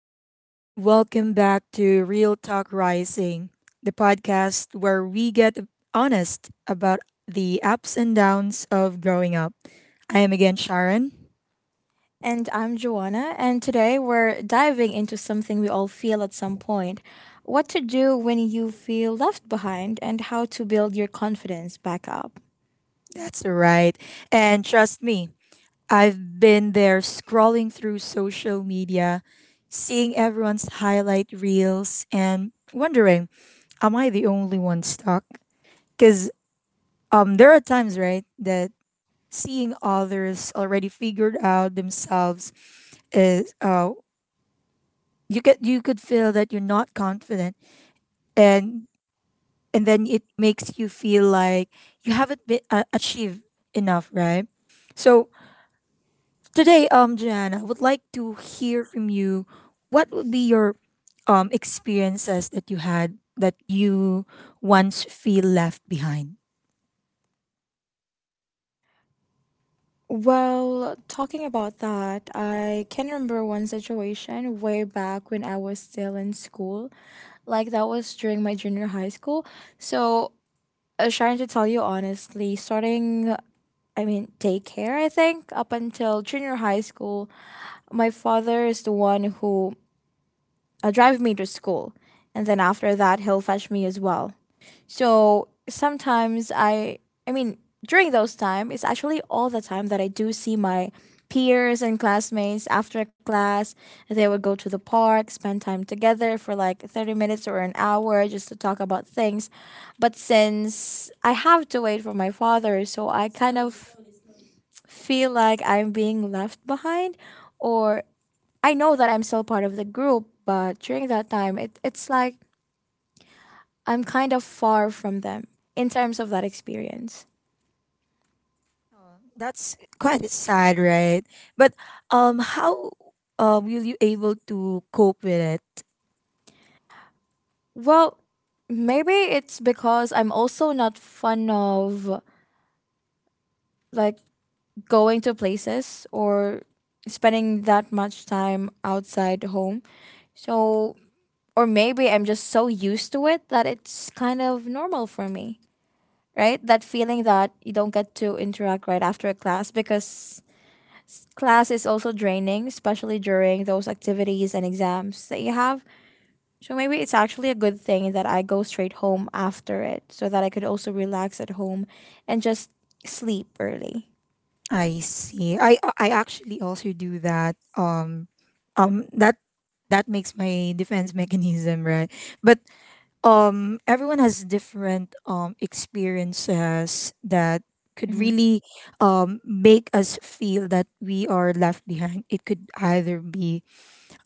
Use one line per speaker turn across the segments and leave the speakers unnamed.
Hey everyone, welcome back to Real Talk Rising, the podcast where we get honest about the ups and downs of growing up. I am again Sharon.
And I'm Joanna, and today we're diving into something we all feel at some point: what to do when you feel left behind and how to build your confidence back up.
That's right. And trust me, I've been there scrolling through social media, seeing everyone's highlight reels, and wondering, am I the only one stuck? Because there are times, right, that seeing others already figured out themselves is you could feel that you're not confident and and then it makes you feel like you haven't been, achieved enough, right? So today, Joanna, I would like to hear from you, what would be your experiences that you had that you once feel left behind?
Well, talking about that, I can remember one situation way back when I was still in school. Like, that was during my junior high school. So, trying to tell you honestly, starting, I mean, daycare, I think, up until junior high school, my father is the one who drive me to school, and then after that he'll fetch me as well. So sometimes I, during those time, it's actually all the time that I do see my peers and classmates after class. They would go to the park, spend time together for like 30 minutes or an hour just to talk about things. But since I have to wait for my father, so I kind of feel like I'm being left behind, or I know that I'm still part of the group, but during that time, it's like I'm kind of far from them in terms of that experience.
Oh, that's quite sad, right? But how will you able to cope with it?
Well, maybe it's because I'm also not fond of, like, going to places or spending that much time outside home. So, or maybe I'm just so used to it that it's kind of normal for me, right? That feeling that you don't get to interact right after a class because class is also draining, especially during those activities and exams that you have. So maybe it's actually a good thing that I go straight home after it so that I could also relax at home and just sleep early.
I see. I actually also do that. Um, that that makes my defense mechanism, right? But everyone has different experiences that could
Hmm.
really make us feel that we are left behind. It could either be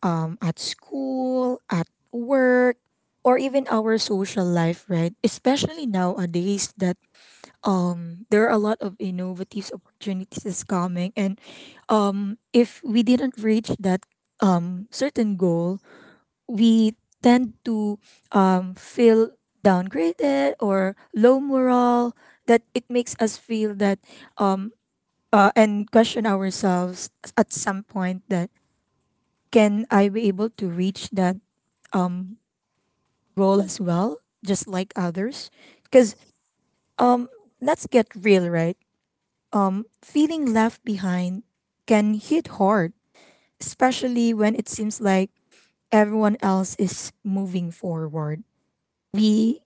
at school, at work, or even our social life, right? Especially nowadays that there are a lot of innovative opportunities is coming, and if we didn't reach that certain goal, we tend to feel downgraded or low morale. That it makes us feel that um, and question ourselves at some point, that can I be able to reach that um role as well, just like others. Because um, let's get real, right? Feeling left behind can hit hard, especially when it seems like everyone else is moving forward. We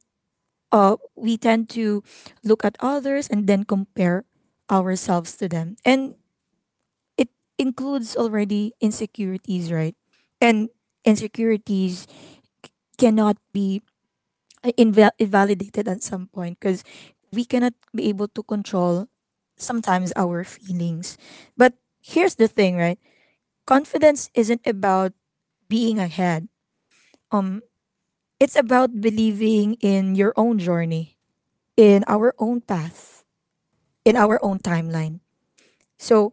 we tend to look at others and then compare ourselves to them, and it includes already insecurities, right? And insecurities cannot be invalidated at some point because we cannot be able to control sometimes our feelings. But here's the thing, right? Confidence isn't about being ahead. Um, it's about believing in your own journey, in our own path, in our own timeline. So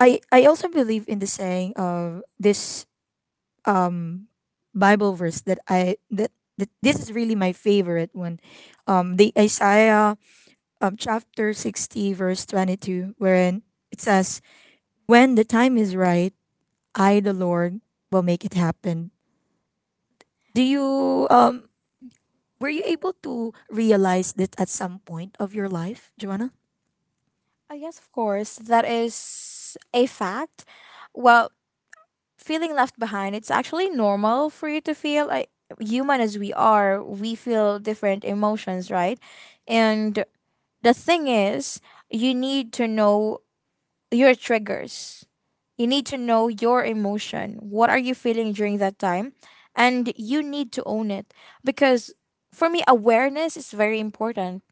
I also believe in the saying of this um Bible verse that this is really my favorite one. The Isaiah, chapter 60, verse 22, wherein it says, when the time is right, I, the Lord, will make it happen. Do you, were you able to realize this at some point of your life, Joanna?
I guess, of course, that is a fact. Well, feeling left behind, it's actually normal for you to feel like, human as we are, we feel different emotions, right? And the thing is, you need to know your triggers. You need to know your emotion. What are you feeling during that time? And you need to own it because for me awareness is very important.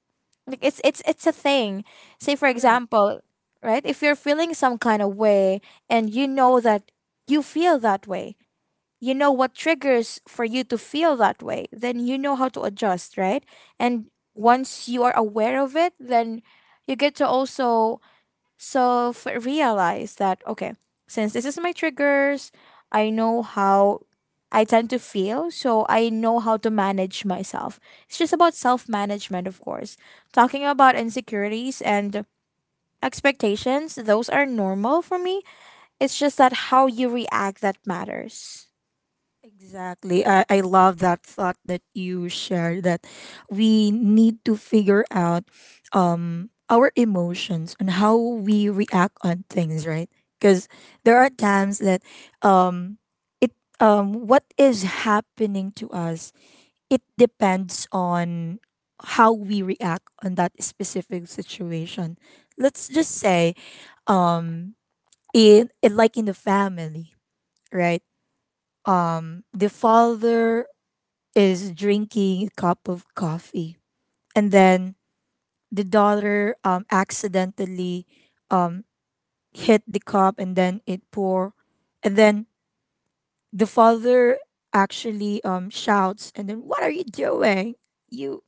Like, it's a thing. Say for
Correct.
example, right? If you're feeling some kind of way and you know that you feel that way, you know what triggers for you to feel that way, then you know how to adjust, right? And once you are aware of it, then you get to also realize that okay, since this is my triggers, I know how I tend to feel, so I know how to manage myself. It's just about self management, of course. Talking about insecurities and expectations, those are normal for me. It's just that how you react that matters.
Exactly. I love that thought that you shared, that we need to figure out our emotions and how we react on things, right? Because there are times that um, it what is happening to us, it depends on how we react on that specific situation. Let's just say, um, in like, in the family, right? The father is drinking a cup of coffee. And then the daughter accidentally um, hit the cup and then it pour. And then the father actually shouts, and then, what are you doing? You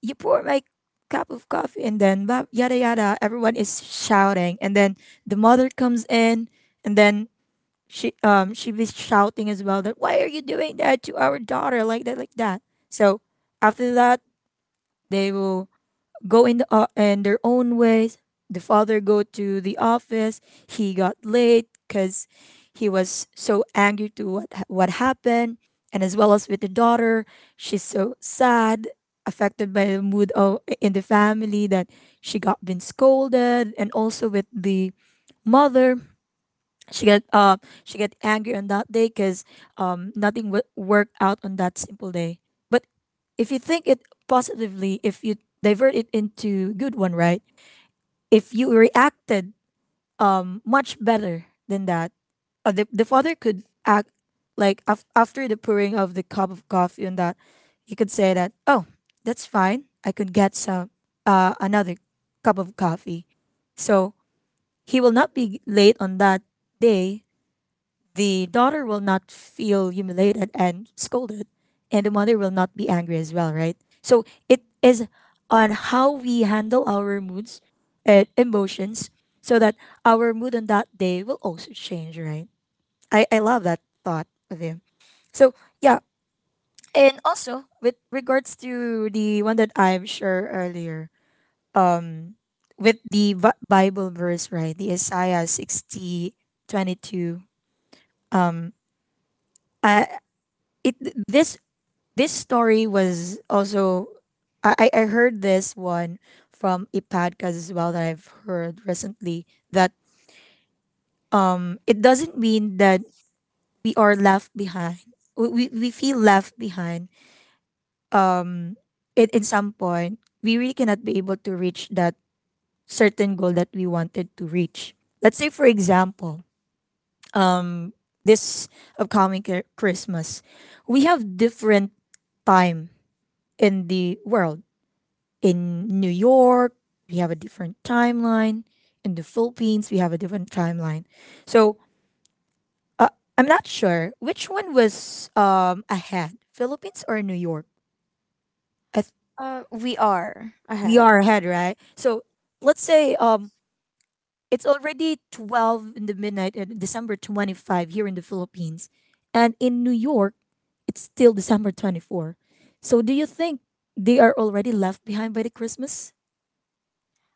you pour my cup of coffee, and then blah, yada yada. Everyone is shouting. And then the mother comes in and then she was shouting as well, that why are you doing that to our daughter like that like that. So after that, they will go in, in their own ways. The father go to the office. He got late because he was so angry to what happened, and as well as with the daughter, she's so sad, affected by the mood of in the family, that she got been scolded. And also with the mother, she get uh she get angry on that day because nothing worked out on that simple day. But if you think it positively, if you divert it into good one, right? If you reacted much better than that, the father could act, like, after the pouring of the cup of coffee, and that you could say that, oh, that's fine, I could get some another cup of coffee. So he will not be late on that day, the daughter will not feel humiliated and scolded, and the mother will not be angry as well, right? So it is on how we handle our moods and emotions so that our mood on that day will also change, right? I love that thought of him. So yeah, and also with regards to the one that I've shared earlier, um, with the Bible verse, right, the Isaiah 60:22. Um, I it this this story was also, I heard this one from a podcast as well that I've heard recently, that it doesn't mean that we are left behind. We feel left behind. Um it In some point, we really cannot be able to reach that certain goal that we wanted to reach. Let's say, for example, um this upcoming Christmas, we have different time in the world. In New York, we have a different timeline. In the Philippines, we have a different timeline. So uh, I'm not sure which one was ahead, Philippines or New York. I th-
We are
we
ahead.
are ahead, right? So let's say, it's already 12 in the midnight, December 25 here in the Philippines. And in New York, it's still December 24. So do you think they are already left behind by the Christmas?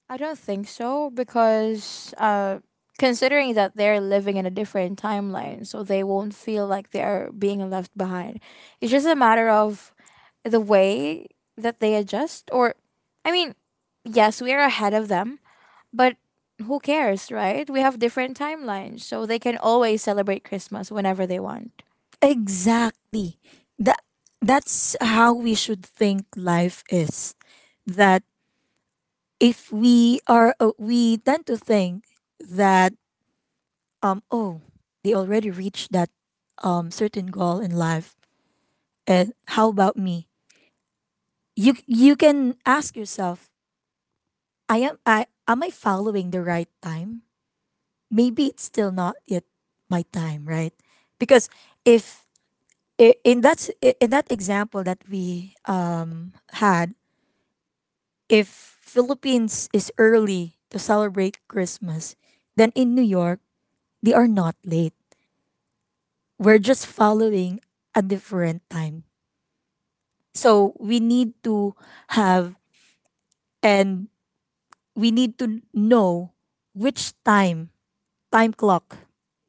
I don't think so because, considering that they're living in a different timeline, so they won't feel like they are being left behind. It's just a matter of the way that they adjust. Or, I mean, yes, we are ahead of them, but who cares, right? We have different timelines, so they can always celebrate Christmas whenever they want.
Exactly. That that's how we should think life is. That if we are we tend to think that, oh, they already reached that certain goal in life, and how about me? You can ask yourself, I following the right time? Maybe it's still not yet my time, right? Because if in that example that we had, if Philippines is early to celebrate Christmas, then in New York, they are not late. We're just following a different time. So we need to have, and we need to know which time, time clock,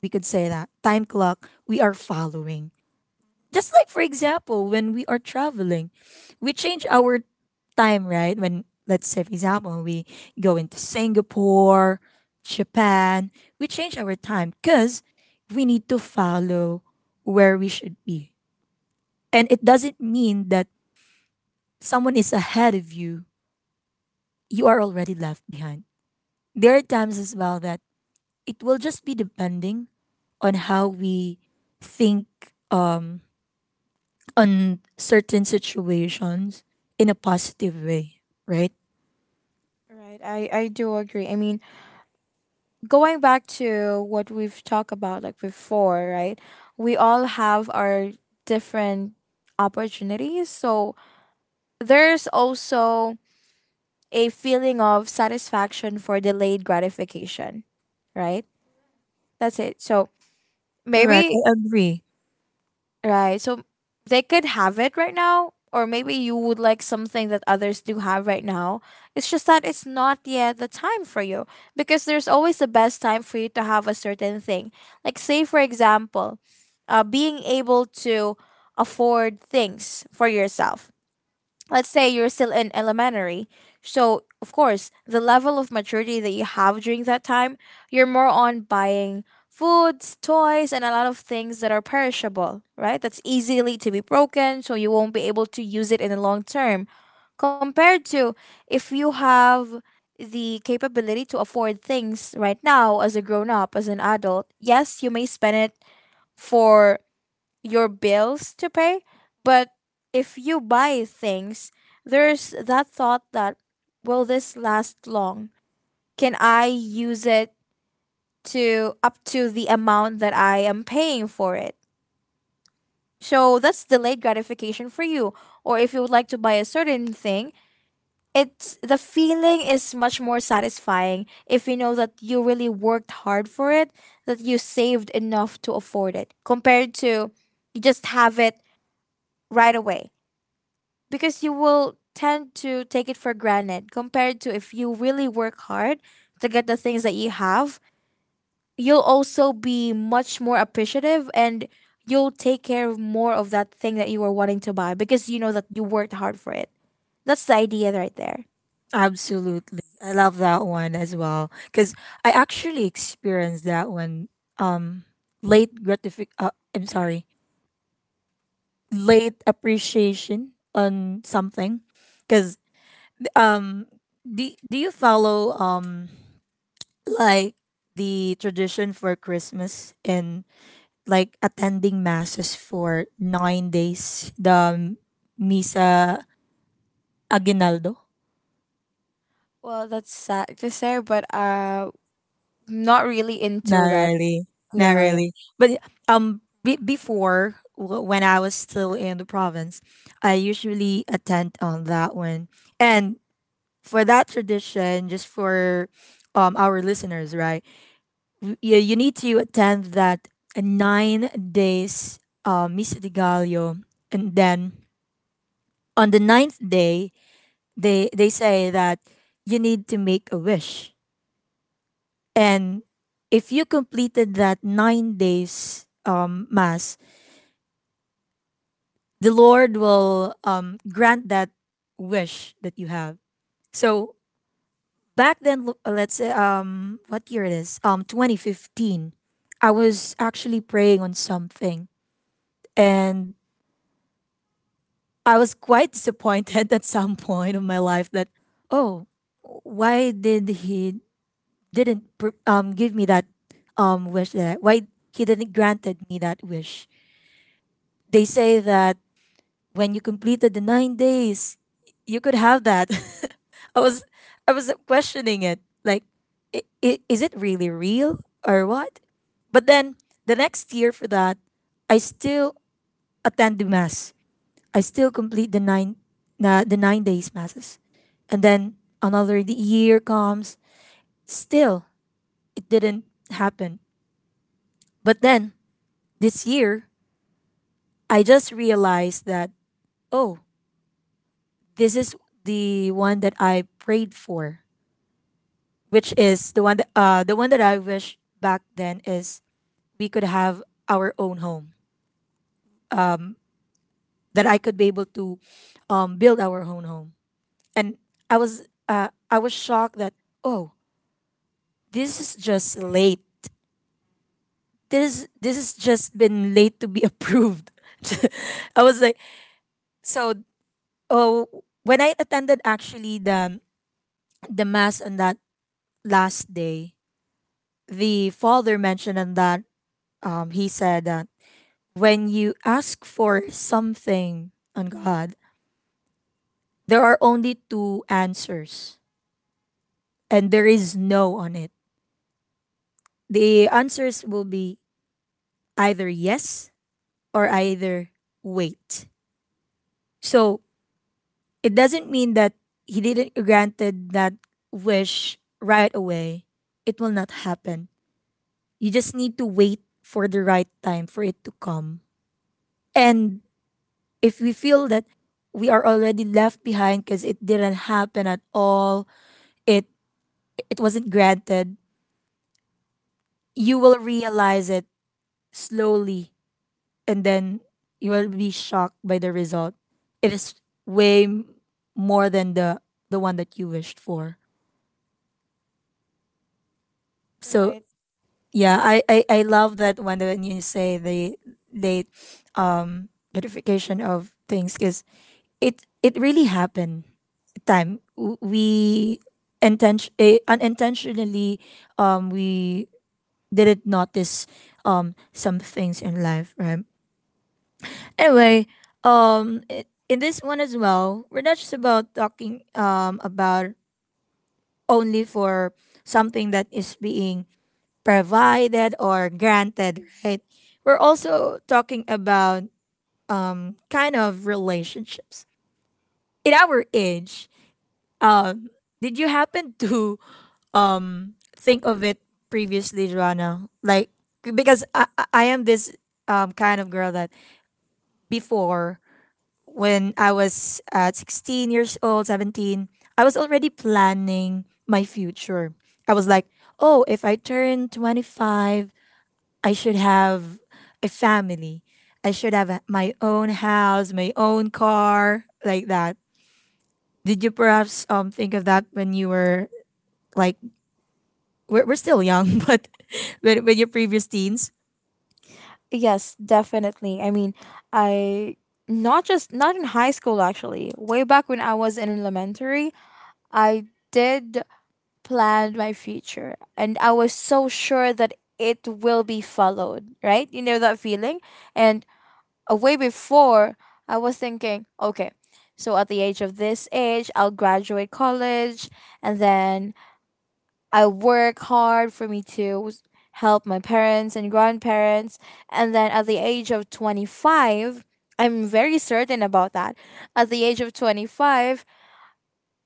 we could say that, time clock we are following. Just like, for example, when we are traveling, we change our time, right? When, let's say, for example, we go into Singapore, Japan, we change our time because we need to follow where we should be. And it doesn't mean that someone is ahead of you, you are already left behind. There are times as well that it will just be depending on how we think, um, on certain situations, in a positive way, right?
Right, I do agree. I mean, going back to what we've talked about like before, right? We all have our different opportunities. So there's also a feeling of satisfaction for delayed gratification, right? That's it. So
Correct.
maybe
I agree.
right. So they could have it right now, or maybe you would like something that others do have right now. It's just that it's not yet the time for you because there's always the best time for you to have a certain thing. Like, say, for example, being able to afford things for yourself, let's say you're still in elementary. So, of course, the level of maturity that you have during that time, you're more on buying foods, toys, and a lot of things that are perishable, right? That's easily to be broken, so you won't be able to use it in the long term. Compared to if you have the capability to afford things right now as a grown up, as an adult, yes, you may spend it for your bills to pay. But if you buy things, there's that thought that, will this last long? Can I use it to up to the amount that I am paying for it? So that's delayed gratification for you. Or if you would like to buy a certain thing, it's, the feeling is much more satisfying if you know that you really worked hard for it, that you saved enough to afford it, compared to you just have it right away. Because you will tend to take it for granted compared to if you really work hard to get the things that you have, you'll also be much more appreciative and you'll take care of more of that thing that you were wanting to buy because you know that you worked hard for it. That's the idea right there.
Absolutely. I love that one as well, cuz I actually experienced that one, um late gratific I'm sorry, late appreciation on something, cuz um do you follow, like, the tradition for Christmas and like attending masses for 9 days, the misa Aguinaldo?
Well, that's sad to say, but, not really into
Not
that.
really. Not
Yeah, yeah.
really. But when I was still in the province, I usually attend on that one. And for that tradition, just for our listeners, right? You need to attend that 9 days Misa de Gallo, and then on the ninth day, they say that you need to make a wish. And if you completed that 9 days mass, the Lord will grant that wish that you have. So back then, let's say, what year it is? 2015. I was actually praying on something, and I was quite disappointed at some point of my life, that oh, why did he didn't give me that wish, that why he didn't granted me that wish. They say that when you completed the 9 days, you could have that. I was I was questioning it. Like, is it really real or what? But then the next year for that, I still attend the mass. I still complete the 9 days masses, and then another the year comes. Still, it didn't happen. But then this year, I just realized that oh, this is the one that I prayed for, which is the one that I wish back then is, we could have our own home, that I could be able to build our own home. And I was shocked that, oh, this is just late. This has just been late to be approved. I was like, so, oh, when I attended actually the mass on that last day, the father mentioned on that, he said that when you ask for something on God, there are only two answers, and there is no on it. The answers will be either yes, or either wait. So it doesn't mean that he didn't granted that wish right away, it will not happen. You just need to wait for the right time for it to come. And if we feel that we are already left behind because it didn't happen at all, it it wasn't granted, you will realize it slowly, and then you will be shocked by the result. It is way m- more than the one that you wished for. So
Right.
yeah, I love that one when you say the late um gratification of things, because it really happened. We unintentionally, we didn't notice some things in life, right? Anyway, in this one as well, we're not just about talking about only for something that is being provided or granted, right? We're also talking about kind of relationships in our age. Um, did you happen to think of it previously, Joanna? Like, because I am this kind of girl that before, when I was at 16 years old, 17, I was already planning my future. I was like, "Oh, if I turn 25, I should have a family. I should have my own house, my own car, like that." Did you perhaps think of that when you were like, we're still young, but when you're previous teens,
Yes, definitely. I mean, I, not just not in high school, actually way back when I was in elementary, I did plan my future and I was so sure that it will be followed, right? You know that feeling? And, way before, I was thinking, okay, so at the age of this age, I'll graduate college and then I work hard for me to help my parents and grandparents. And then at the age of 25, I'm very certain about that. At the age of 25,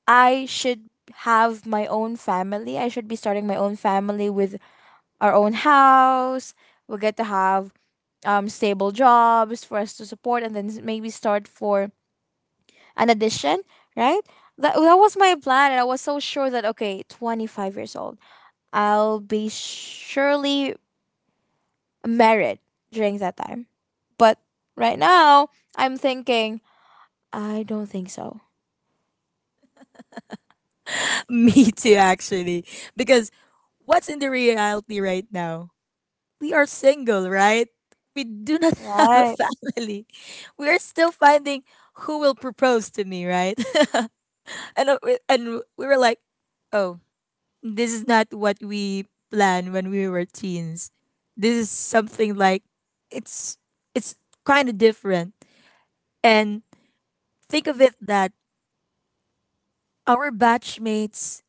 I should have my own family. I should be starting my own family with our own house. We get to have stable jobs for us to support and then maybe start for an addition, right? That was my plan and I was so sure that okay, 25 years old, I'll be surely married during that time. But right now, I'm thinking I don't think so.
me too, actually. Because what's in the reality right now? We are single, right? We do not have a
Right.
family. We are still finding who will propose to me, right? And, and we were like, oh, this is not what we planned when we were teens. This is something like it's it's kind of different. And think of it that our batchmates,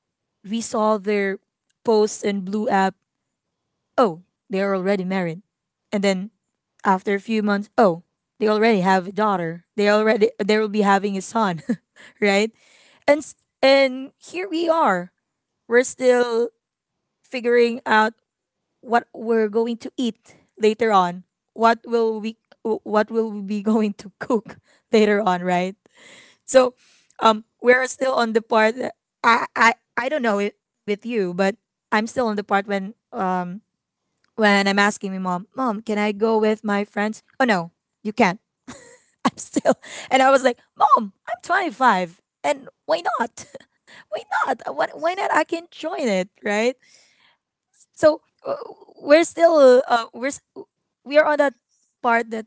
we saw their posts in Blue app. Oh, they're already married. And then after a few months, oh, they already have a daughter. They will be having a son, right? And s- and here we are. We're still figuring out what we're going to eat later on. What will we what will we be going to cook later on, right? So, we're still on the part that I don't know it with you, but I'm still on the part when, when I'm asking my mom, "Mom, can I go with my friends?" "Oh no, you can't." I'm still, and I was like, "Mom, I'm 25, and why not?" Why not? What? Why not? I can join it, right? So we're still we're s- We are on that part that,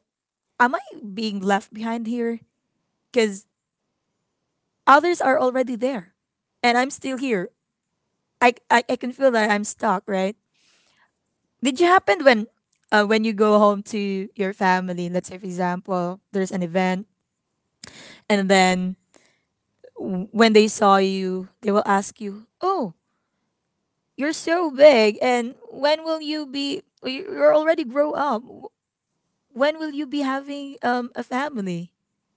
am I being left behind here? Because others are already there, and I'm still here. I can feel that I'm stuck, right? Did you happen, when you go home to your family, let's say for example, there's an event, and then when they saw you, they will ask you, "Oh, you're so big, and when will you be you're already grow up. When will you be having a family?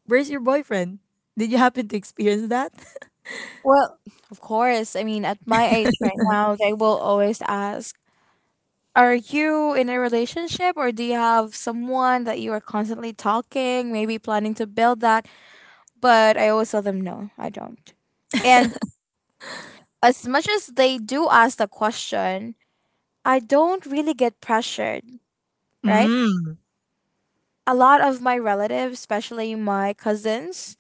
Where's your boyfriend?" Did you happen to experience that?
Well, of course. I mean, at my age right now, they will always ask, are you in a relationship or do you have someone that you are constantly talking, maybe planning to build that? But I always tell them, no, I don't. And as much as they do ask the question, I don't really get pressured, right?
Mm.
A lot of my relatives, especially my cousins,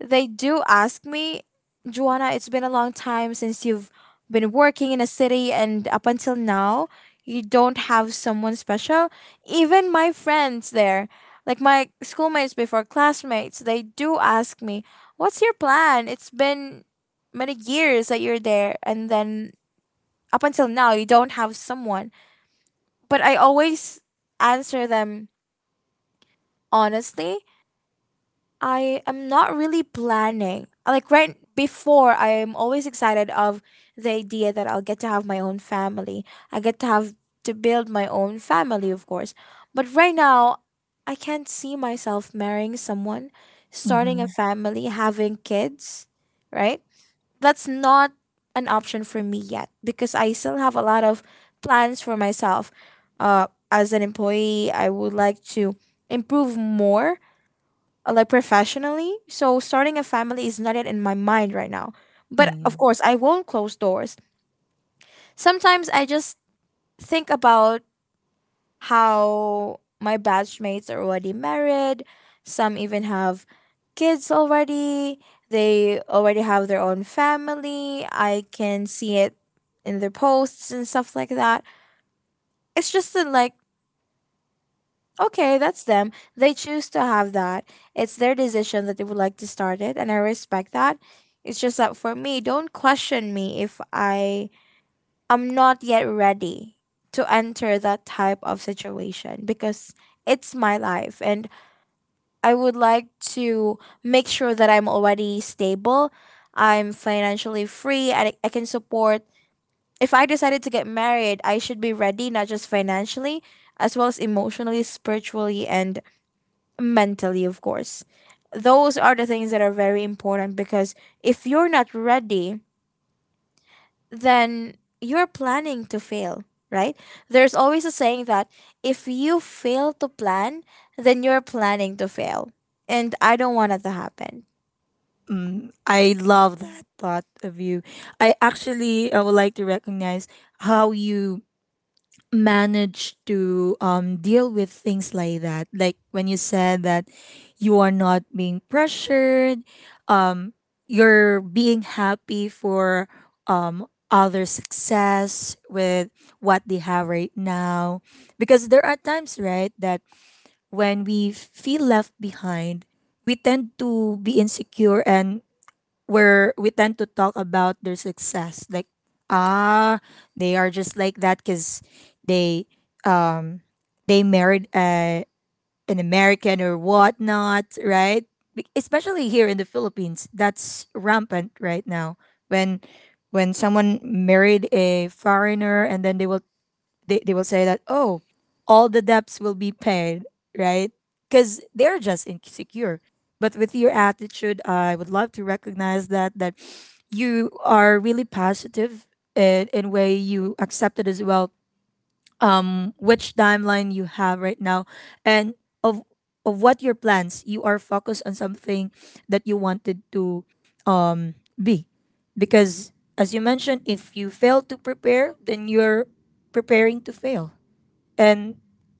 they do ask me, Joanna, it's been a long time since you've been working in a city, and up until now, you don't have someone special. Even my friends there, like my schoolmates before, classmates, they do ask me, what's your plan? It's been many years that you're there, and then up until now, you don't have someone. But I always answer them honestly, I am not really planning. Like right before, I am always excited of the idea that I'll get to have my own family. I get to have to build my own family, of course. But right now, I can't see myself marrying someone, starting
Mm-hmm.
a family, having kids, right? That's not an option for me yet because I still have a lot of plans for myself. As an employee, I would like to improve more, like professionally. So starting a family is not yet in my mind right now. But of course, I won't close doors. Sometimes I just think about how my batchmates are already married. Some even have kids already. They already have their own family. I can see it in their posts and stuff like that. It's just that, like, okay, that's them. They choose to have that. It's their decision that they would like to start it, and I respect that. It's just that for me, don't question me if I am not yet ready to enter that type of situation because it's my life, and I would like to make sure that I'm already stable. I'm financially free, and I can support. If I decided to get married, I should be ready, not just financially, as well as emotionally, spiritually, and mentally, of course. Those are the things that are very important because if you're not ready, then you're planning to fail, right? There's always a saying that if you fail to plan, then you're planning to fail. And I don't want that to happen.
Mm, I love that thought of you. I would like to recognize how you manage to, deal with things like that. Like when you said that you are not being pressured, um, you're being happy for, um, other success with what they have right now. Because there are times, right, that when we feel left behind, we tend to be insecure, and where we tend to talk about their success, like, ah, they are just like that because they, um they married a, an American or whatnot, right? Especially here in the Philippines, that's rampant right now, when when someone married a foreigner and then they will, they will say that, oh, all the debts will be paid, right? Because they're just insecure. But with your attitude, I would love to recognize that, that you are really positive in way you accept it as well, which timeline you have right now, and of of what your plans you are focused on, something that you wanted to be, because as you mentioned, if you fail to prepare, then you're preparing to fail. And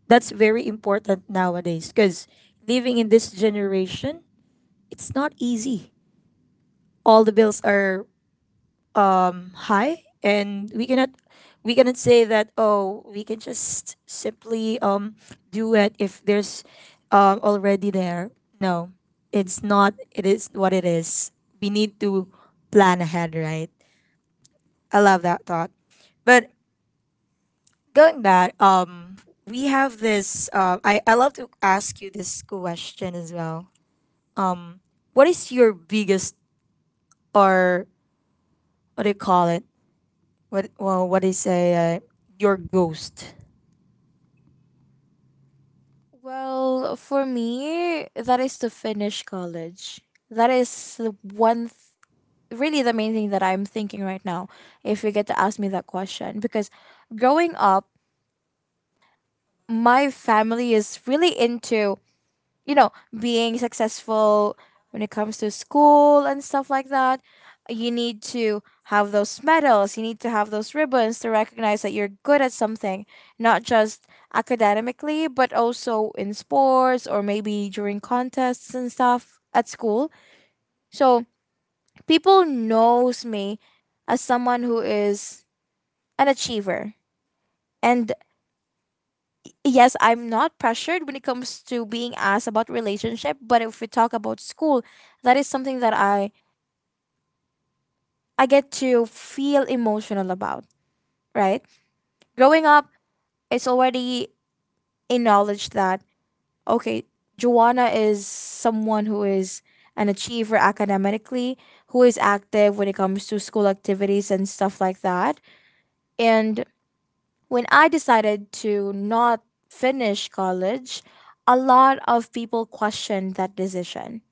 that's very important nowadays, because living in this generation, it's not easy. All the bills are high, and we cannot, we cannot say that, oh, we can just simply, do it if there's, already there. No, it's not, it is what it is. We need to plan ahead, right? I love that thought. But going back, we have this. I love to ask you this question as well. What is your biggest, or what do you call it? What, well, what do you say? Your ghost,
Well, for me, that is to finish college. That is the one, really the main thing that I'm thinking right now, if you get to ask me that question. Because growing up, my family is really into, you know, being successful when it comes to school and stuff like that. You need to have those medals, you need to have those ribbons to recognize that you're good at something, not just academically, but also in sports or maybe during contests and stuff at school. So people knows me as someone who is an achiever. And yes, I'm not pressured when it comes to being asked about relationship, but if we talk about school, that is something that I get to feel emotional about, right? Growing up, it's already a knowledge that okay, Joanna is someone who is an achiever academically, who is active when it comes to school activities and stuff like that. And when I decided to not finish college, a lot of people questioned that decision.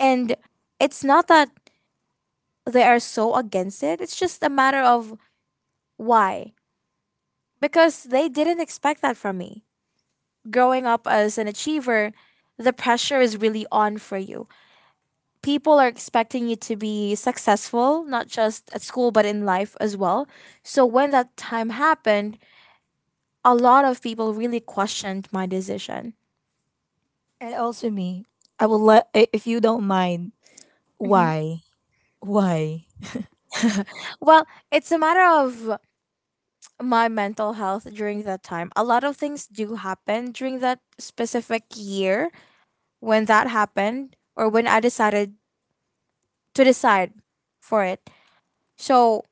And it's not that they are so against it, it's just a matter of why. Because they didn't expect that from me. Growing up as an achiever, the pressure is really on for you. People are expecting you to be successful, not just at school, but in life as well. So when that time happened, a lot of people really questioned my decision.
and also me. I will let, if you don't mind.
Mhm.
Why? Why?
Well, it's a matter of my mental health during that time. A lot of things do happen during that specific year when that happened or when I decided to decide for it. So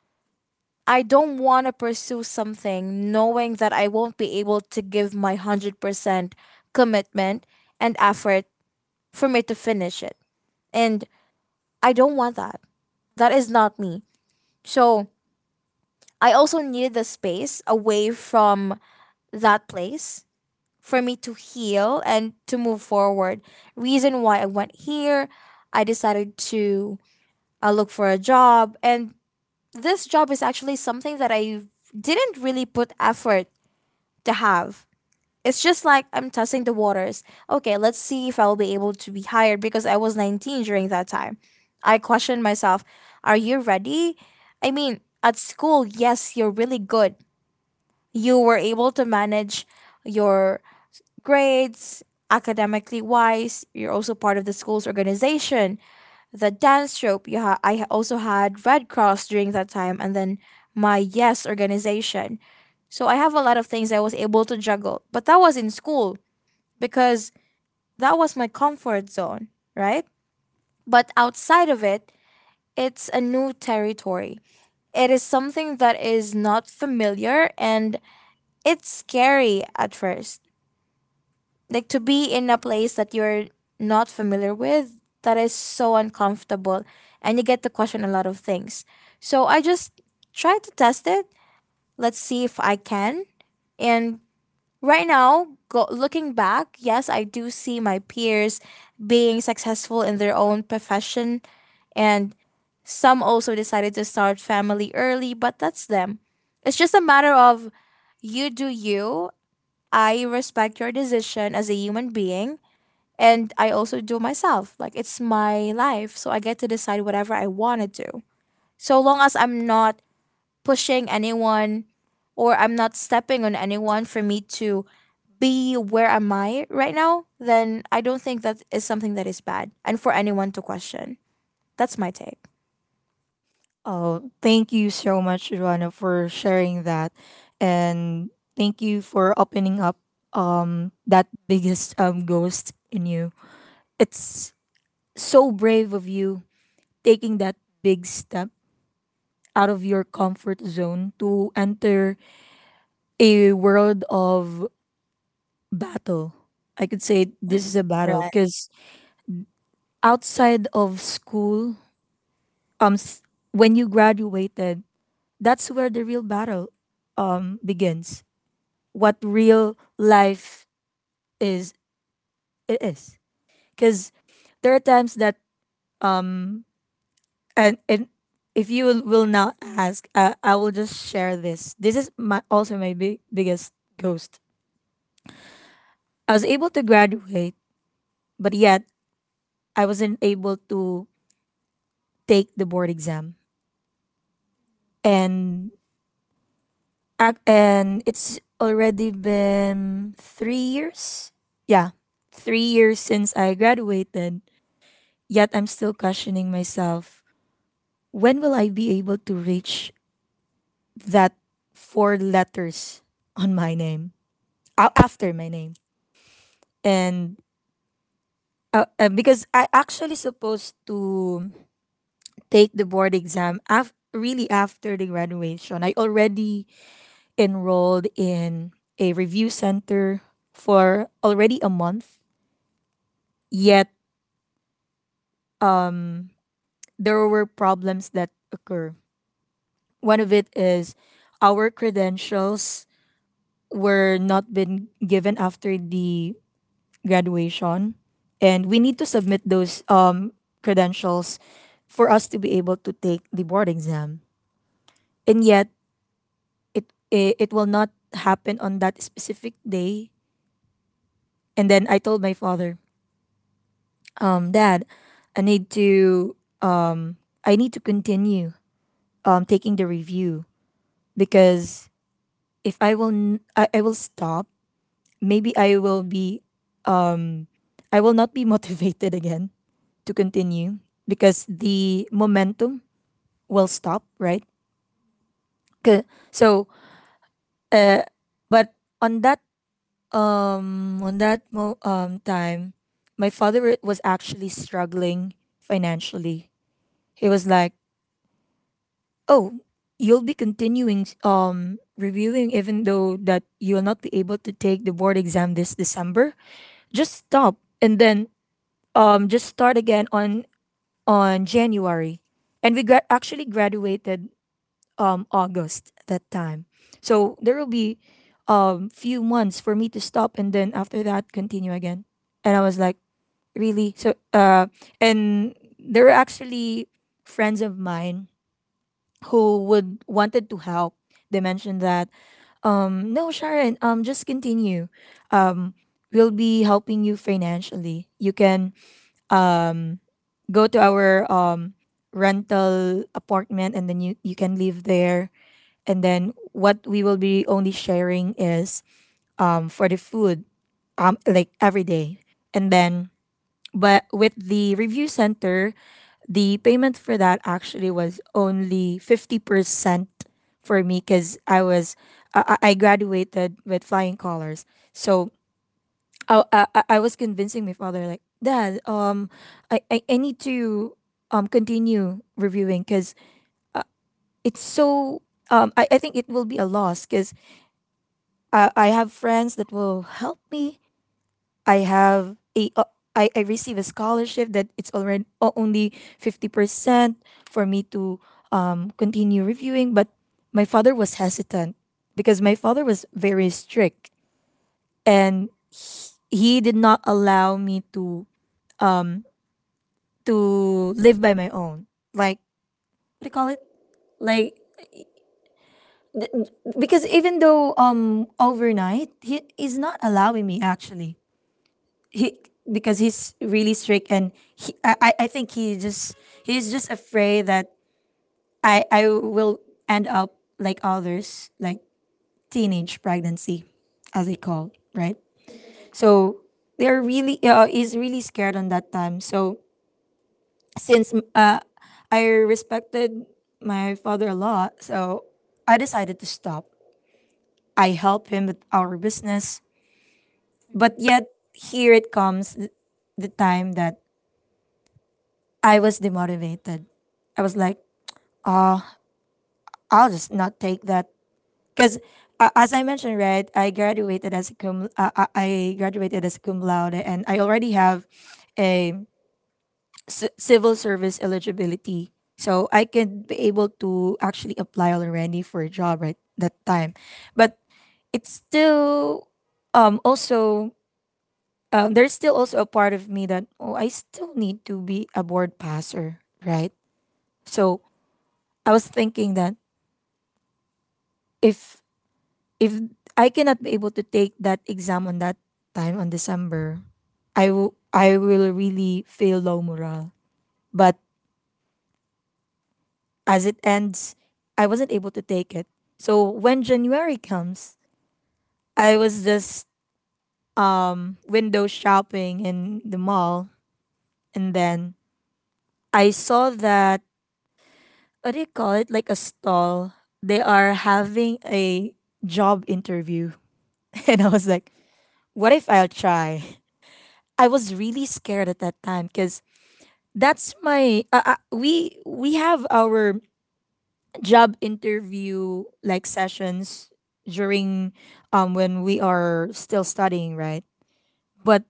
I don't want to pursue something knowing that I won't be able to give my 100% commitment and effort for me to finish it. And I don't want that. That is not me. So I also needed the space away from that place for me to heal and to move forward. Reason why I went here, I decided to look for a job. And this job is actually something that I didn't really put effort to have. It's just like I'm testing the waters. Okay, let's see if I'll be able to be hired because I was 19 during that time. I questioned myself, are you ready? I mean, at school, yes, you're really good. You were able to manage your grades, academically wise. You're also part of the school's organization, the dance troupe. I also had Red Cross during that time, and then my Yes organization. So I have a lot of things I was able to juggle, but that was in school because that was my comfort zone, right? But outside of it, it's a new territory. It is something that is not familiar and it's scary at first. Like to be in a place that you're not familiar with, that is so uncomfortable and you get to question a lot of things. So I just try to test it, let's see if I can. And right now go, looking back, yes, I do see my peers being successful in their own profession, and some also decided to start family early, but that's them. It's just a matter of you do you. I respect your decision as a human being, and I also do myself. Like it's my life, so I get to decide whatever I want to do. So long as I'm not pushing anyone or I'm not stepping on anyone for me to be where am I right now, then I don't think that is something that is bad and for anyone to question. That's my take.
Oh, thank you so much, Joanna, for sharing that, and thank you for opening up that biggest ghost in you. It's so brave of you, taking that big step out of your comfort zone to enter a world of battle. I could say this is a battle
Right.
because outside of school, um, s- when you graduated, that's where the real battle begins. What real life is, it is, because there are times that, um and if you will not ask, I will just share this. This is my also my biggest ghost. I was able to graduate, but yet I wasn't able to take the board exam. And and it's already been 3 years. Yeah, 3 years since I graduated. Yet I'm still questioning myself, when will I be able to reach that four letters on my name? After my name. And because I actually supposed to take the board exam really after the graduation. I already enrolled in a review center for already a month, yet there were problems that occur. One of it is our credentials were not been given after the graduation, and we need to submit those, credentials for us to be able to take the board exam. And yet, it will not happen on that specific day. And then I told my father, "Dad, i need to I need to continue, taking the review, because if I will n- I will stop, maybe I will not be motivated again to continue, because the momentum will stop, right? 'Kay." So, uh, but on that, time, my father was actually struggling financially. He was like, "Oh, you'll be continuing reviewing even though that you will not be able to take the board exam this December. Just stop, and then just start again on January." And we actually graduated August that time. So there will be few months for me to stop, and then after that continue again. And I was like, really? So, uh, and there were actually friends of mine who would wanted to help. They mentioned that, "No, Sharon, just continue, um we'll be helping you financially. You can, um go to our, rental apartment, and then you can live there, and then what we will be only sharing is, for the food, like every day." And then, but with the review center, the payment for that actually was only 50% for me, because I was, I graduated with flying colors. So, I was convincing my father, like, "Dad, I need to, continue reviewing, cuz uh, it's so, I think it will be a loss, cuz I have friends that will help me. I have a, I receive a scholarship that it's already only 50% for me to, continue reviewing." But my father was hesitant, because my father was very strict, and he did not allow me to, um to live by my own, like, what do you call it, like, because even though overnight, he is not allowing me actually. He, because he's really strict, and he, I think he just, he's just afraid that I will end up like others, like teenage pregnancy, as they call, right? So they're really he's really scared on that time. So, since I respected my father a lot, so I decided to stop. I help him with our business.
Mhm.
But yet, here it comes, the time that I was demotivated. I was like, I'll just not take that because, as I mentioned, right, I graduated as a cum. I graduated as cum laude, and I already have a civil service eligibility, so I can be able to actually apply already for a job, right, that time, but it's still also, there's still also a part of me that, oh, I still need to be a board passer, right. So I was thinking that if if I cannot be able to take that exam on that time on December, I will really feel low morale. But as it ends, I wasn't able to take it. So when January comes, I was just window shopping in the mall, and then I saw that, what do you call it, like a stall. They are having a job interview. And I was like, what if I'll try? I was really scared at that time because that's my we have our job interview, like, sessions during when we are still studying, right, but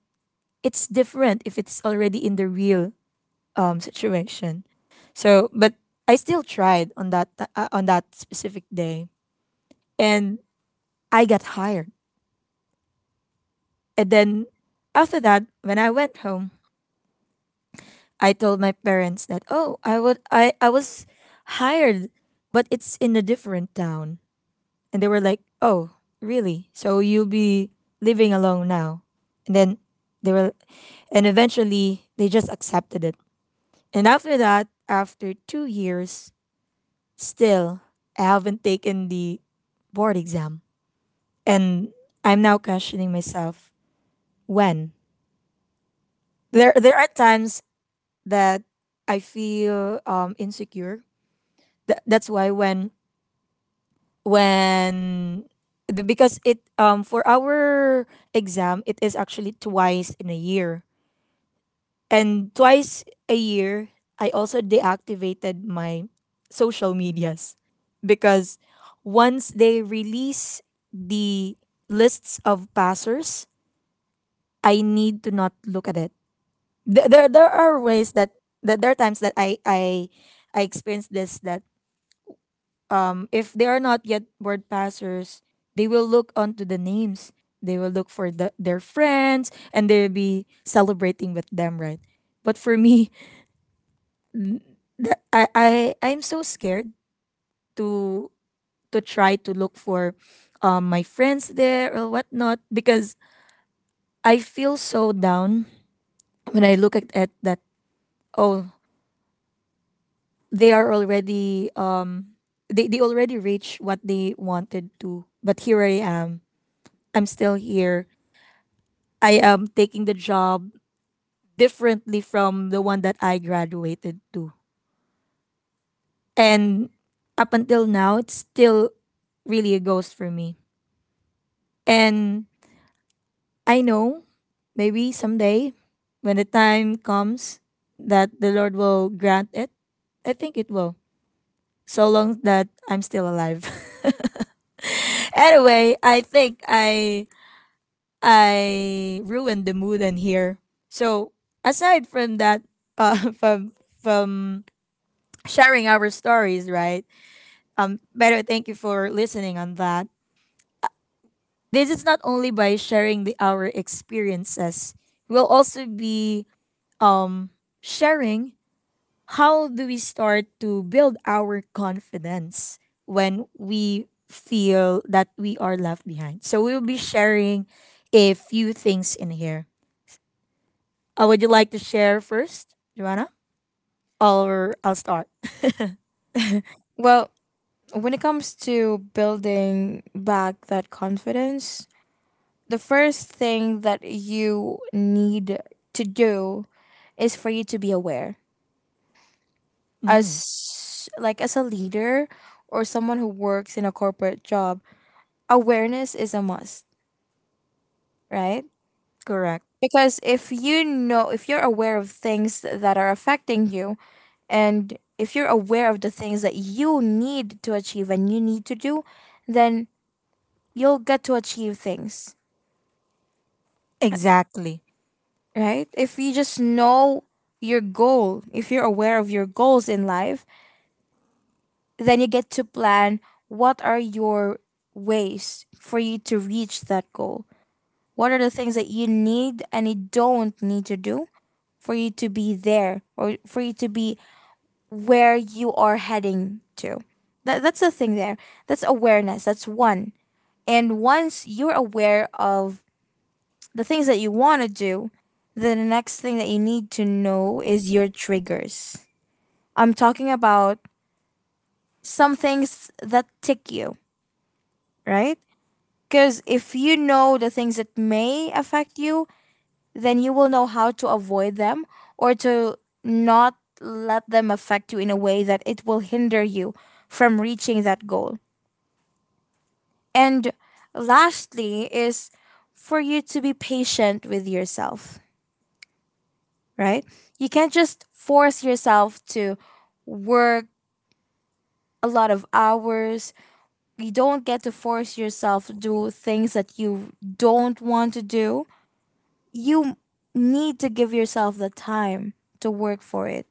it's different if it's already in the real situation. So but I still tried on on that specific day, and I got hired. And then, after that, when I went home, I told my parents that, oh, I was hired, but it's in a different town. And they were like, oh, really? So you'll be living alone now. And then they were, and eventually they just accepted it. And after that, after 2 years, still, I haven't taken the board exam. And I'm now questioning myself when. There are times that I feel insecure. That's why, when when because it, for our exam, it is actually twice in a year, and twice a year I also deactivated my social medias, because once they release the lists of passers, I need to not look at it. There are ways that there are times that I experience this, that, if they are not yet word passers, they will look onto the names. They will look for their friends, and they'll be celebrating with them, right? But for me, that, I I'm so scared to try to look for my friends there or whatnot, because I feel so down when I look at that. Oh, they are already. They already reached what they wanted to, but here I am. I'm still here. I am taking the job differently from the one that I graduated to. And up until now, it's still really a ghost for me. And I know, maybe someday, when the time comes, that the Lord will grant it. I think it will. So long that I'm still alive. Anyway, I think I ruined the mood in here. So, aside from that, uh, from from sharing our stories, right? Better thank you for listening on that. This is not only by sharing our experiences. We'll also be um sharing how do we start to build our confidence when we feel that we are left behind. So we'll be sharing a few things in here. Would you like to share first, Joanna? Or I'll start.
Well, when it comes to building back that confidence, the first thing that you need to do is for you to be aware.
Mm,
As like as a leader or someone who works in a corporate job, awareness is a must, right?
correct.
Because if you know, if you're aware of things that are affecting you and if you're aware of the things that you need to achieve and you need to do, then you'll get to achieve things,
Exactly.
right? If you just know your goal, if you're aware of your goals in life, then you get to plan what are your ways for you to reach that goal. What are the things that you need and you don't need to do for you to be there or for you to be where you are heading to? That's the thing there. That's awareness. That's one. And once you're aware of the things that you want to do, then the next thing that you need to know is your triggers. I'm talking about some things that tick you, right? Because if you know the things that may affect you, then you will know how to avoid them or to not let them affect you in a way that it will hinder you from reaching that goal. And lastly, is for you to be patient with yourself, right? You can't just force yourself to work a lot of hours. You don't get to force yourself to do things that you don't want to do. You need to give yourself the time to work for it.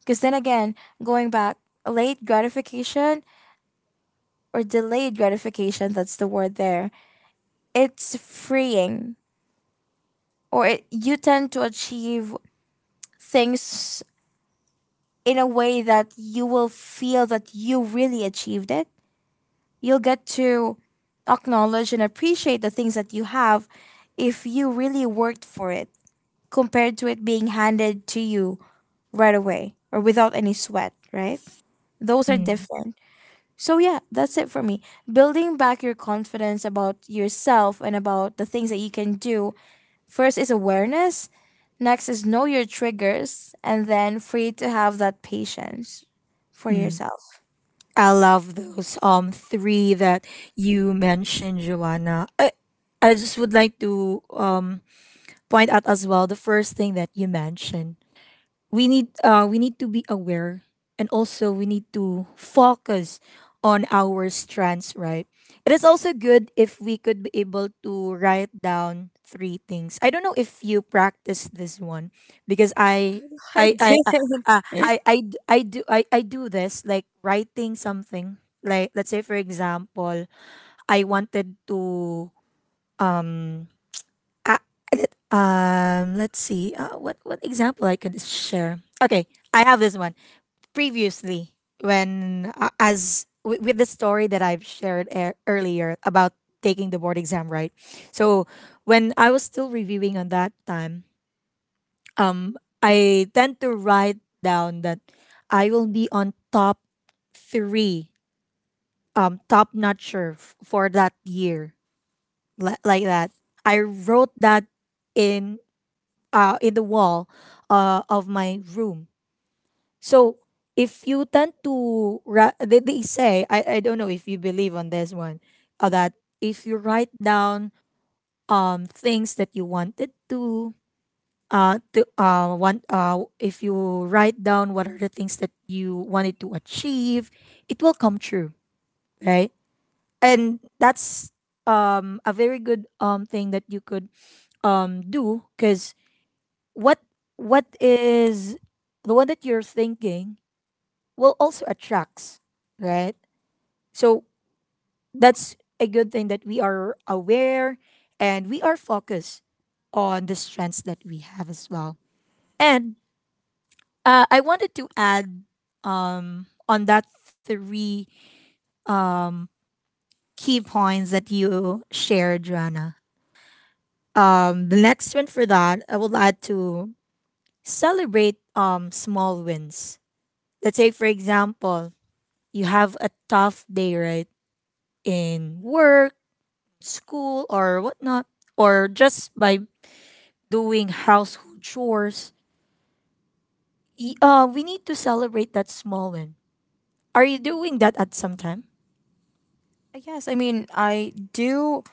Because then again, going back, late gratification or delayed gratification, that's the word there, it's freeing. Or it, you tend to achieve things in a way that you will feel that you really achieved it. You'll get to acknowledge and appreciate the things that you have if you really worked for it compared to it being handed to you right away or without any sweat, right? Those are
Mm,
different. So, yeah, that's it for me. Building back your confidence about yourself and about the things that you can do, first is awareness, next is know your triggers, and then free to have that patience for
mm.
yourself.
I love those three that you mentioned, Joanna. I just would like to point out as well the first thing that you mentioned. We need to be aware, and also we need to focus on our strengths, right? It is also good if we could be able to write down three things. I don't know if you practice this one, because
I
i i uh,
didn't.
I do this, like writing something. Like, let's say, for example, I wanted to, um uh, let's see, what example I could share. Okay, I have this one previously, when, as with the story that I've shared earlier about taking the board exam, right? So when I was still reviewing on that time, um, I tend to write down that I will be on top three, top notcher for that year, like that. I wrote that in in the wall, of my room. So, if you tend to they say, I don't know if you believe on this one, that if you write down things that you wanted to want if you write down what are the things that you wanted to achieve, it will come true, right? And that's a very good thing that you could do, because what what is the one that you're thinking will also attracts, right? So that's a good thing, that we are aware and we are focused on the strengths that we have as well. And, I wanted to add, on that three key points that you shared, Joanna. The next one for that, I would like to celebrate, small wins. Let's say, for example, you have a tough day, right? In work, school, or whatnot, or just by doing household chores, we need to celebrate that small win. Are you doing that at some time?
Yes, I mean, I do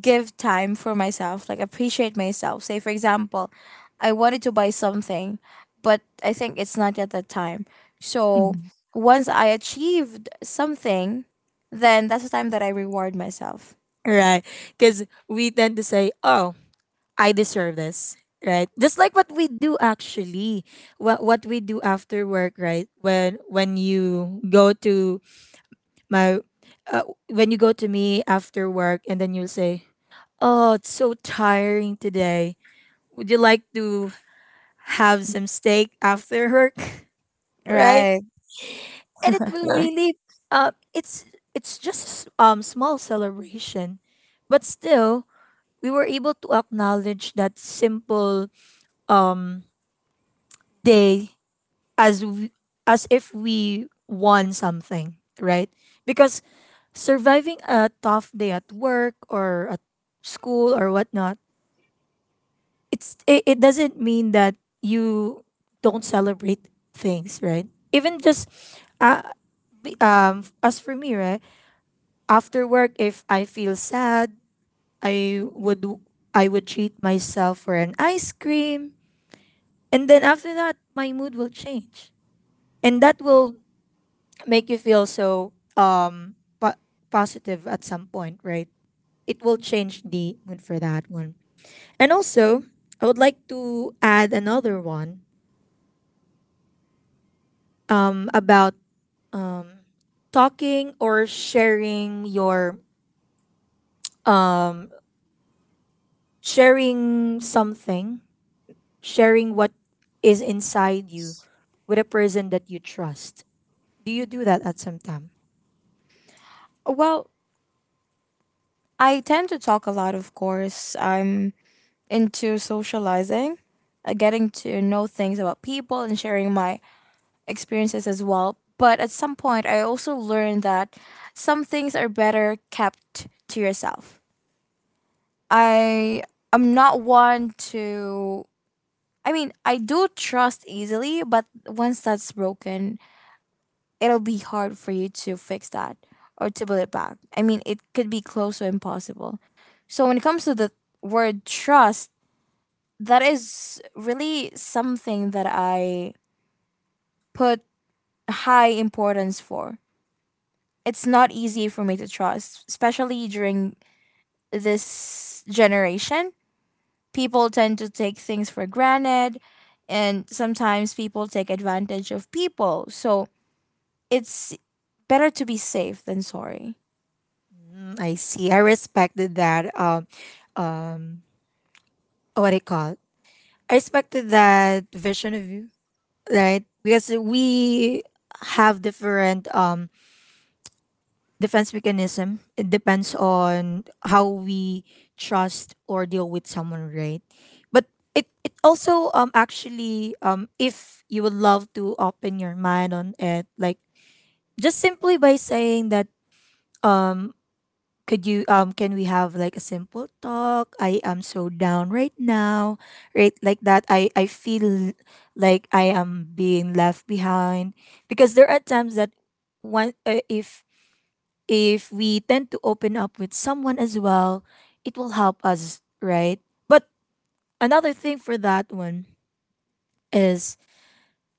give time for myself, like appreciate myself. Say, for example, I wanted to buy something, but I think it's not yet that time. So
Mhm.
once I achieved something, then that's the time that I reward myself.
Right. Because we tend to say, oh, I deserve this. Right. Just like what we do, actually. What we do after work, right? When you go to my uh, when you go to me after work, and then you will say, oh, it's so tiring today. Would you like to have some steak after work, right?
Right.
And it will really, uh, it's it's just small celebration, but still we were able to acknowledge that simple um day, as w- as if we won something, right? Because, surviving a tough day at work or at school or whatnot, it doesn't mean that you don't celebrate things, right? Even just, uh, as for me, right, after work, if I feel sad, I would treat myself for an ice cream, and then after that my mood will change, and that will make you feel so positive at some point, right? It will change the mood for that one. And also, I would like to add another one, about talking, or sharing something sharing what is inside you with a person that you trust. Do you do that at some time?
Well, I tend to talk a lot, of course. I'm into socializing, getting to know things about people and sharing my experiences as well. But at some point, I also learned that some things are better kept to yourself. I am not one to. I mean, I do trust easily, but once that's broken, it'll be hard for you to fix that or to build it back. I mean, it could be close to impossible. So when it comes to the word trust, that is really something that I put high importance for. It's not easy for me to trust, especially during this generation. People tend to take things for granted, and sometimes people take advantage of people. So it's better to be safe than sorry.
Mm, I see. I respected that. Um, what do you call it? I respected that vision of you, right? Because we have different defense mechanism. It depends on how we trust or deal with someone, right? But it also, actually, if you would love to open your mind on it, like, just simply by saying that, um could you can we have, like, a simple talk. I am so down right now, right, like that. I feel like I am being left behind, because there are times that, one if we tend to open up with someone as well, it will help us, right. But another thing for that one is,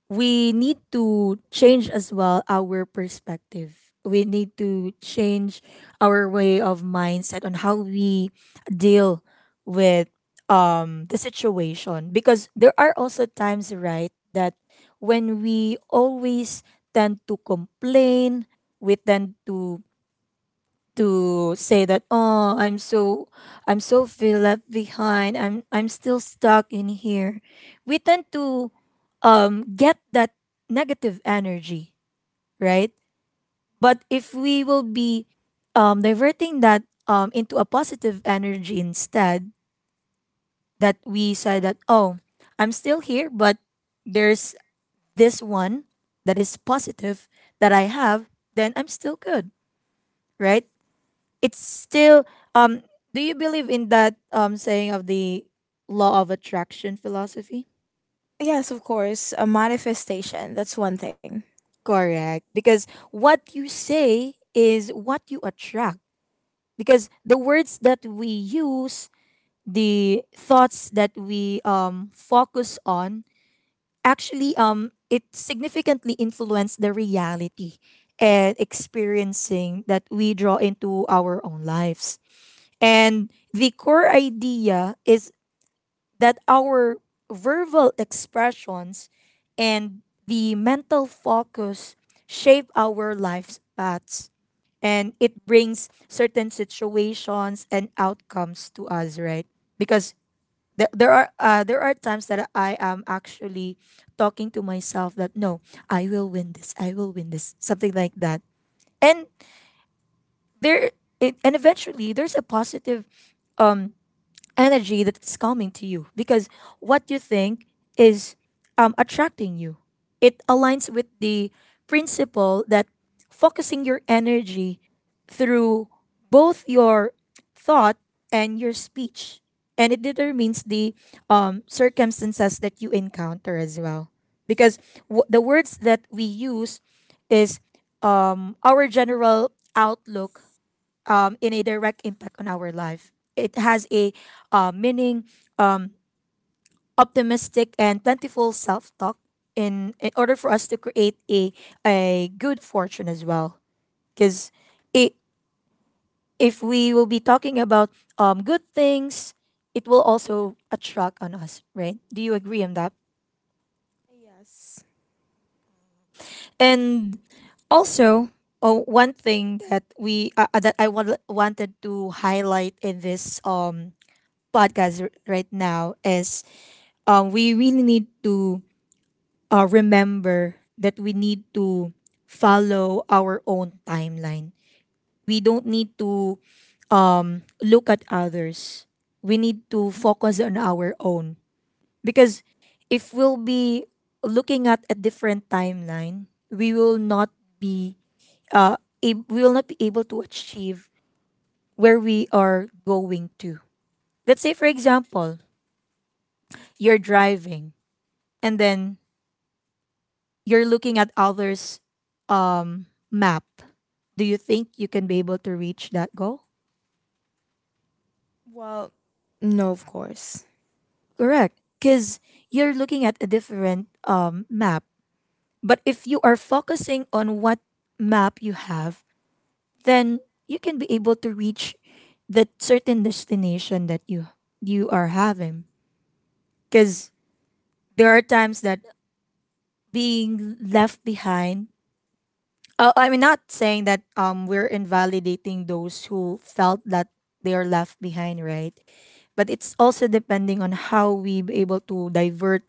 we need to change as well our perspective. We need to change our way of mindset on how we deal with the situation, because there are also times, right, that when we always tend to complain, we tend to say that, oh, I'm so feel left behind, I'm still stuck in here. We tend to get that negative energy, right? But if we will be diverting that into a positive energy instead, that we say that, oh, I'm still here, but there's this one that is positive that I have, then I'm still good, right? It's still. um do you believe in that saying of the law of attraction philosophy?
Yes, of course, a manifestation. That's one thing.
Correct. Because what you say is what you attract. Because the words that we use, the thoughts that we focus on, actually, it significantly influence the reality and experiencing that we draw into our own lives. And the core idea is that our verbal expressions and the mental focus shape our life's paths, and it brings certain situations and outcomes to us, right? Because there are times that I am actually talking to myself that, no, I will win this, something like that. And there it, and eventually there's a positive um energy that's coming to you, because what you think is, attracting you. It aligns with the principle that focusing your energy through both your thought and your speech, and it determines the, circumstances that you encounter as well. Because the words that we use is, our general outlook, in a direct impact on our life. It has a, meaning, um, optimistic and plentiful self talk, in order for us to create a good fortune as well. Because if we will be talking about, good things, it will also attract on us, right? Do you agree on that?
Yes.
And also, oh, one thing that we that I wanted to highlight in this podcast, right now, is, we really need to, remember that we need to follow our own timeline. We don't need to look at others. We need to focus on our own. Because if we'll be looking at a different timeline, we will not be uh, we will not be able to achieve where we are going to. Let's say, for example, you're driving and then you're looking at others map, do you think you can be able to reach that goal?
Well, no, of course.
Correct. Because you're looking at a different map. But if you are focusing on what map you have, then you can be able to reach that certain destination that you are having. Because there are times that being left behind. I'm not saying that we're invalidating those who felt that they are left behind, right? But it's also depending on how we be able to divert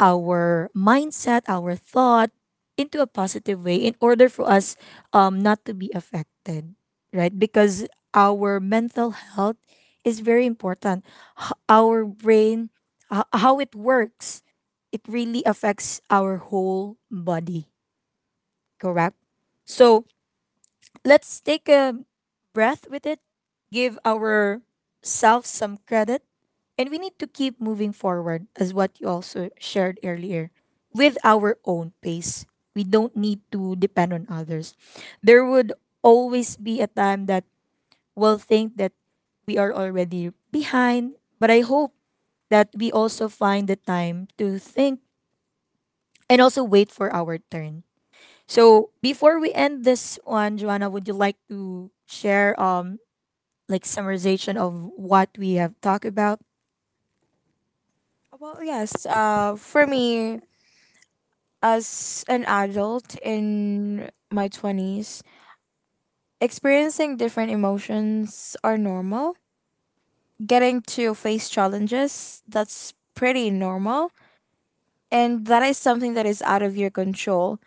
our mindset, our thought into a positive way in order for us not to be affected, right? Because our mental health is very important. Our brain, how it works, it really affects our whole body, correct? So let's take a breath with it, give ourselves some credit, and we need to keep moving forward, as what you also shared earlier, with our own pace. We don't need to depend on others. There would always be a time that we'll think that we are already behind, but I hope that we also find the time to think and also wait for our turn. So before we end this one, Joanna, would you like to share like summarization of what we have talked about?
Well, yes. For me, as an adult in my 20s, experiencing different emotions are normal. Getting to face challenges, that's pretty normal. And that is something that is out of your control.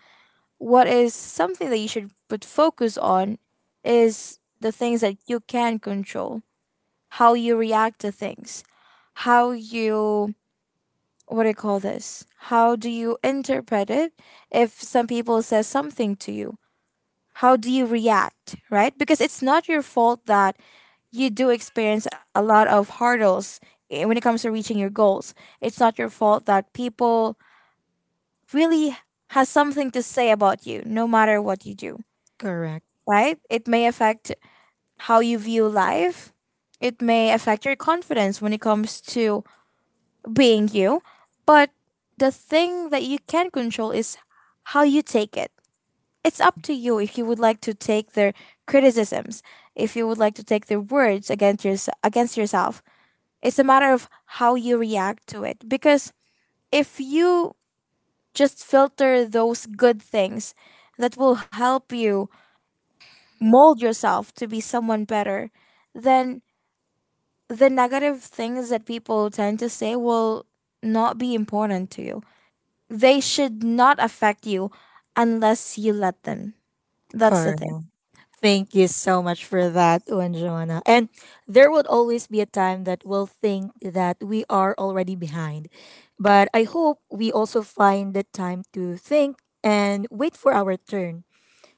What is something that you should put focus on is the things that you can control, how you react to things, how you, what do you call this? How do you interpret it if some people says something to you? How do you react, right? Because it's not your fault that you do experience a lot of hurdles when it comes to reaching your goals. It's not your fault that people really has something to say about you no matter what you do,
Correct.
right? It may affect how you view life. It may affect your confidence when it comes to being you, but the thing that you can control is how you take it. It's up to you if you would like to take their criticisms, if you would like to take their words against, yours against yourself. It's a matter of how you react to it. Because if you just filter those good things that will help you mold yourself to be someone better, then the negative things that people tend to say will not be important to you. They should not affect you unless you let them. That's the
Correct.
thing.
Thank you so much for that one, Joanna. And there would always be a time that we'll think that we are already behind. But I hope we also find the time to think and wait for our turn.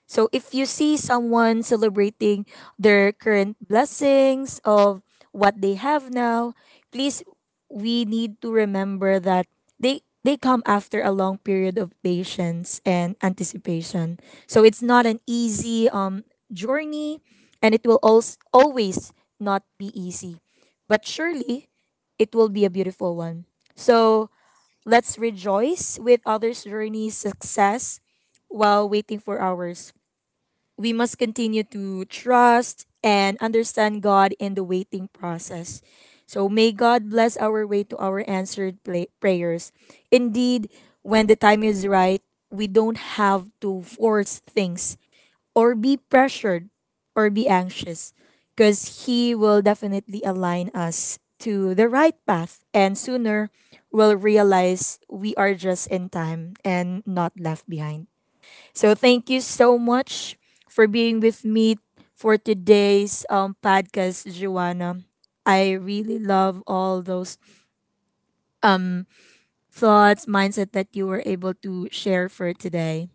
So if you see someone celebrating their current blessings of what they have now, please, we need to remember that they come after a long period of patience and anticipation. So it's not an easy journey, and it will also always not be easy. But surely it will be a beautiful one. So let's rejoice with others' journey success. While waiting for ours, we must continue to trust and understand God in the waiting process. So may God bless our way to our answered prayers. Indeed, when the time is right, we don't have to force things or be pressured or be anxious, because He will definitely align us to the right path, and sooner we'll realize we are just in time and not left behind. So thank you so much for being with me for today's podcast, Joanna. I really love all those thoughts, mindset that you were able to share for today.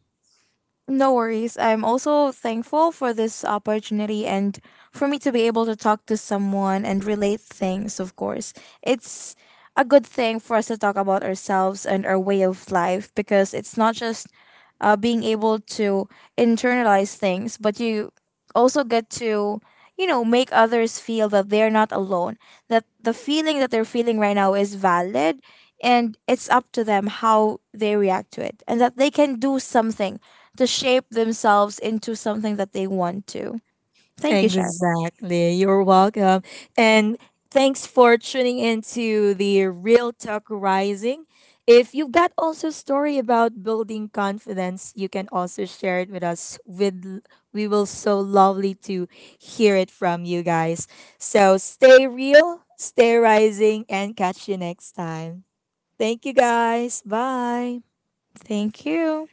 No worries. I'm also thankful for this opportunity and for me to be able to talk to someone and relate things, of course. It's a good thing for us to talk about ourselves and our way of life because it's not just being able to internalize things, but you also get to, you know, make others feel that they're not alone, that the feeling that they're feeling right now is valid and it's up to them how they react to it and that they can do something to shape themselves into something that they want to. Thank you, Sheriff.
Exactly. You're welcome. And thanks for tuning into the Real Talk Rising. If you've got also story about building confidence, you can also share it with us. With we will so lovely to hear it from you guys. So stay real, stay rising, and catch you next time. Thank you guys. Bye.
Thank you.